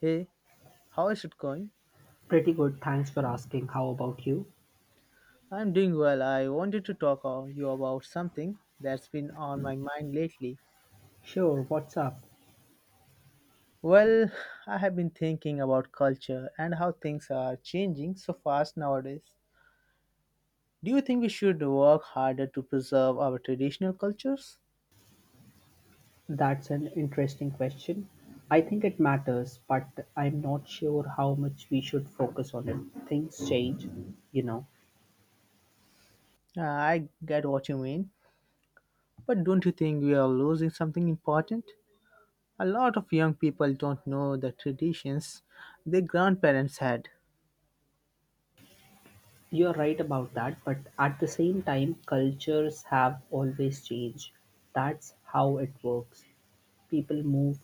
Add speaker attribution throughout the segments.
Speaker 1: Hey, how is it going?
Speaker 2: Pretty good, thanks for asking. How about you?
Speaker 1: I'm doing well. I wanted to talk to you about something that's been on my mind lately.
Speaker 2: Sure, what's up?
Speaker 1: Well, I have been thinking about culture and how things are changing so fast nowadays. Do you think we should work harder to preserve our traditional cultures?
Speaker 2: That's an interesting question. I think it matters, but I'm not sure how much we should focus on it. Things change, you know.
Speaker 1: I get what you mean, but don't you think we are losing something important? A lot of young people don't know the traditions their grandparents had.
Speaker 2: You're right about that, but at the same time, cultures have always changed. That's how it works. People move,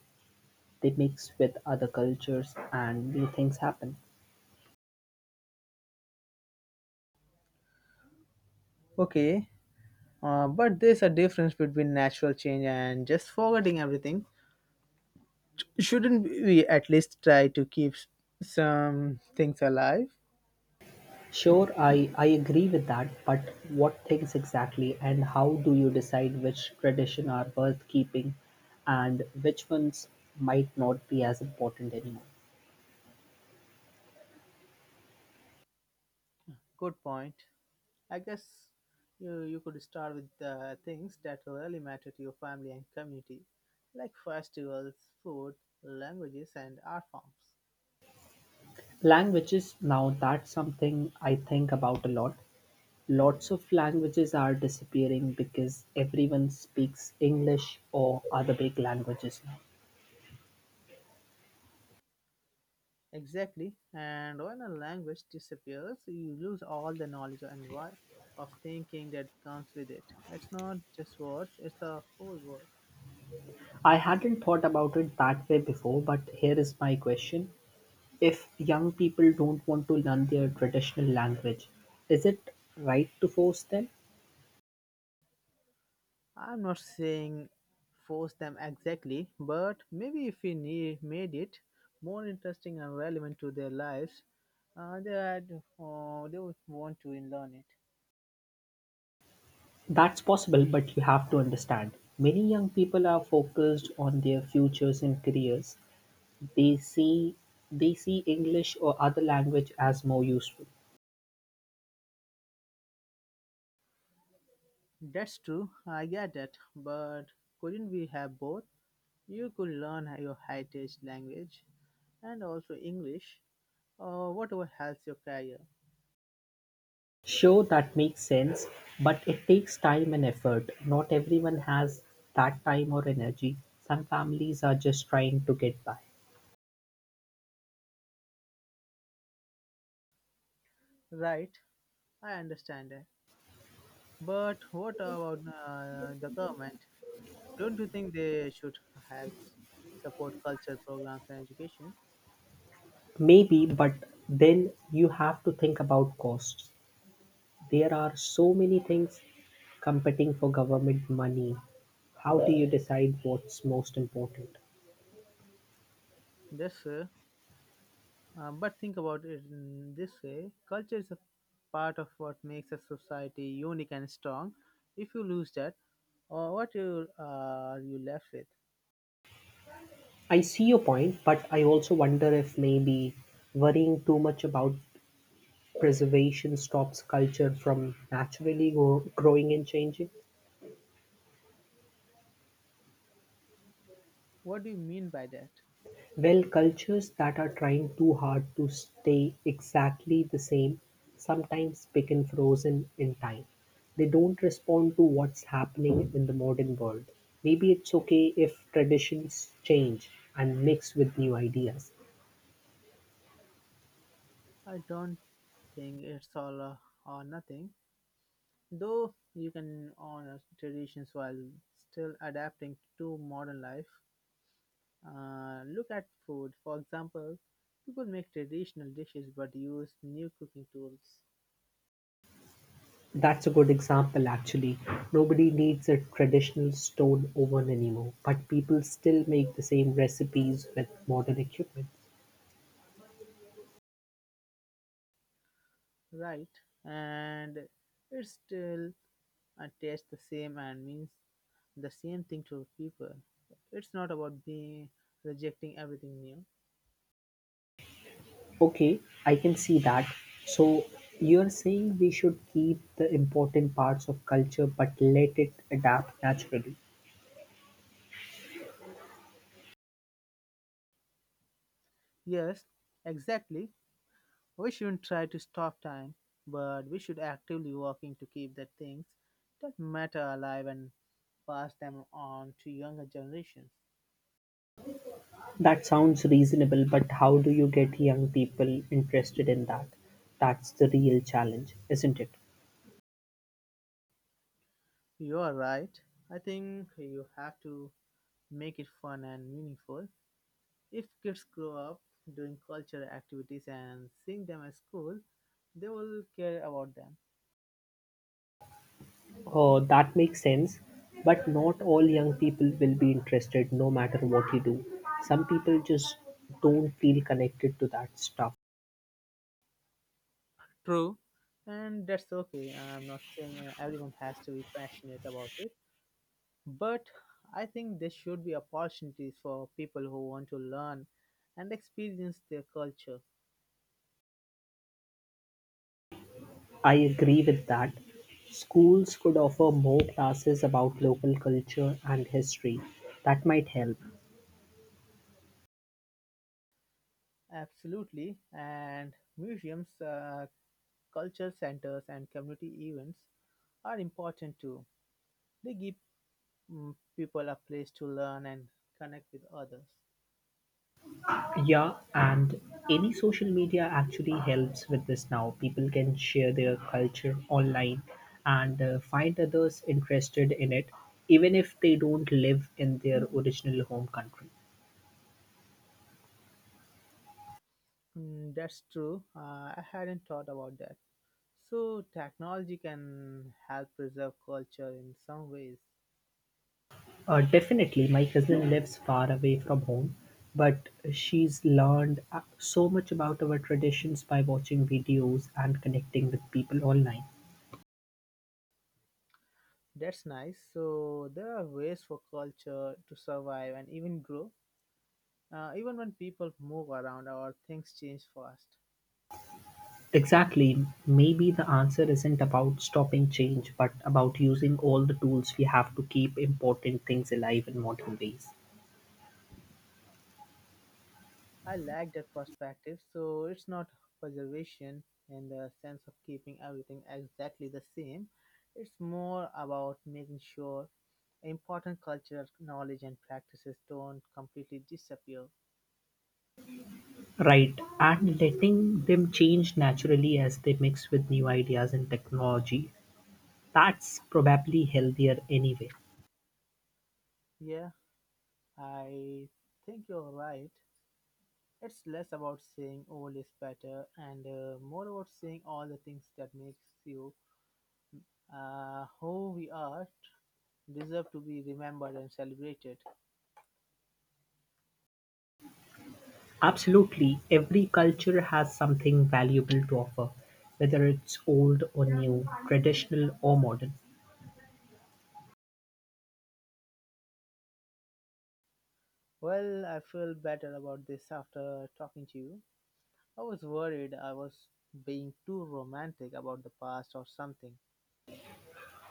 Speaker 2: they mix with other cultures, and new things happen.
Speaker 1: Okay. But there's a difference between natural change and just forgetting everything. Shouldn't we at least try to keep some things alive?
Speaker 2: Sure, I agree with that, but what things exactly and how do you decide which tradition are worth keeping and which ones might not be as important anymore?
Speaker 1: Good point. I guess you could start with the things that really matter to your family and community, like festivals, food, languages, and art forms.
Speaker 2: Languages, now that's something I think about a lot. Lots of languages are disappearing because everyone speaks English or other big languages now.
Speaker 1: Exactly. And when a language disappears, you lose all the knowledge and why of thinking that comes with it. It's not just words, it's a whole world.
Speaker 2: I hadn't thought about it that way before, but here is my question. If young people don't want to learn their traditional language, is it right to force them?
Speaker 1: I'm not saying force them exactly, but maybe if we need, made it more interesting and relevant to their lives, uh, they'd, they would want to learn it.
Speaker 2: That's possible, but you have to understand. Many young people are focused on their futures and careers. They see they see English or other language as more useful.
Speaker 1: That's true, I get that, but couldn't we have both? You could learn your heritage language and also English, or whatever helps your career.
Speaker 2: Sure, that makes sense, but it takes time and effort. Not everyone has that time or energy. Some families are just trying to get by.
Speaker 1: Right, I understand that. But what about the government? Don't you think they should help s- support culture programs and education?
Speaker 2: Maybe, but then you have to think about costs. There are so many things competing for government money. How do you decide what's most important?
Speaker 1: Yes, sir. But think about it in this way, culture is a part of what makes a society unique and strong. If you lose that, or what you, are you left with?
Speaker 2: I see your point, but I also wonder if maybe worrying too much about preservation stops culture from naturally growing and changing.
Speaker 1: What do you mean by that?
Speaker 2: Well, cultures that are trying too hard to stay exactly the same sometimes become frozen in time. They don't respond to what's happening in the modern world. Maybe it's okay if traditions change and mix with new ideas.
Speaker 1: I don't think it's all or nothing, though you can honor traditions while still adapting to modern life. Look at food. For example, people make traditional dishes but use new cooking tools,
Speaker 2: That's a good example, actually. Nobody needs a traditional stone oven anymore, but people still make the same recipes with modern equipment.
Speaker 1: right? And it still tastes the same and means the same thing to people. It's not about being rejecting everything new.
Speaker 2: Okay, I can see that. So you're saying we should keep the important parts of culture but let it adapt naturally.
Speaker 1: Yes, exactly. We shouldn't try to stop time, but we should actively working to keep the things that matter alive and pass them on to younger generations.
Speaker 2: That sounds reasonable, but how do you get young people interested in that? That's the real challenge, isn't it?
Speaker 1: You are right. I think you have to make it fun and meaningful. If kids grow up doing cultural activities and seeing them at school, they will care about them.
Speaker 2: Oh, that makes sense, but not all young people will be interested no matter what you do. Some people just don't feel connected to that stuff.
Speaker 1: True. And that's okay. I'm not saying everyone has to be passionate about it. But I think there should be opportunities for people who want to learn and experience their culture.
Speaker 2: I agree with that. Schools could offer more classes about local culture and history. That might help.
Speaker 1: Absolutely. And museums, culture centers, and community events are important too. They give people a place to learn and connect with others.
Speaker 2: Yeah, and any social media actually helps with this now. People can share their culture online and find others interested in it, even if they don't live in their original home country.
Speaker 1: Mm, that's true. I hadn't thought about that. So, technology can help preserve culture in some ways.
Speaker 2: Definitely, my cousin lives far away from home, but she's learned so much about our traditions by watching videos and connecting with people online.
Speaker 1: That's nice. So, there are ways for culture to survive and even grow, even when people move around or things change fast.
Speaker 2: Exactly, maybe the answer isn't about stopping change, but about using all the tools we have to keep important things alive in modern ways.
Speaker 1: I like that perspective. So, it's not preservation in the sense of keeping everything exactly the same, it's more about making sure important cultural knowledge and practices don't completely disappear.
Speaker 2: Right, and letting them change naturally as they mix with new ideas and technology. That's probably healthier anyway.
Speaker 1: Yeah, I think you're right. It's less about saying old is better and more about saying all the things that makes you who we are deserve to be remembered and celebrated.
Speaker 2: Absolutely every culture has something valuable to offer, whether it's old or new, traditional or modern.
Speaker 1: Well, I feel better about this after talking to you. I was worried I was being too romantic about the past or something.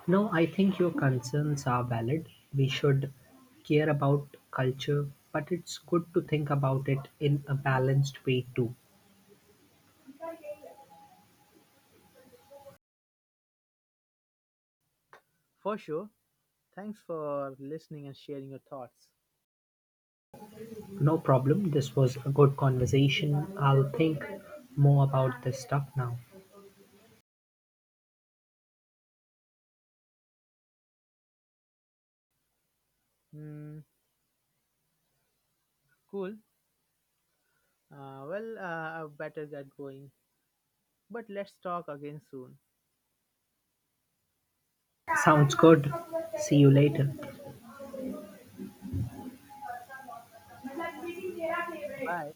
Speaker 2: No, I think your concerns are valid. We should care about culture, but it's good to think about it in a balanced way too.
Speaker 1: For sure. Thanks for listening and sharing your thoughts.
Speaker 2: No problem. This was a good conversation. I'll think more about this stuff now.
Speaker 1: Hmm. Cool. I better get going. But let's talk again soon.
Speaker 2: Sounds good. See you later.
Speaker 1: Bye.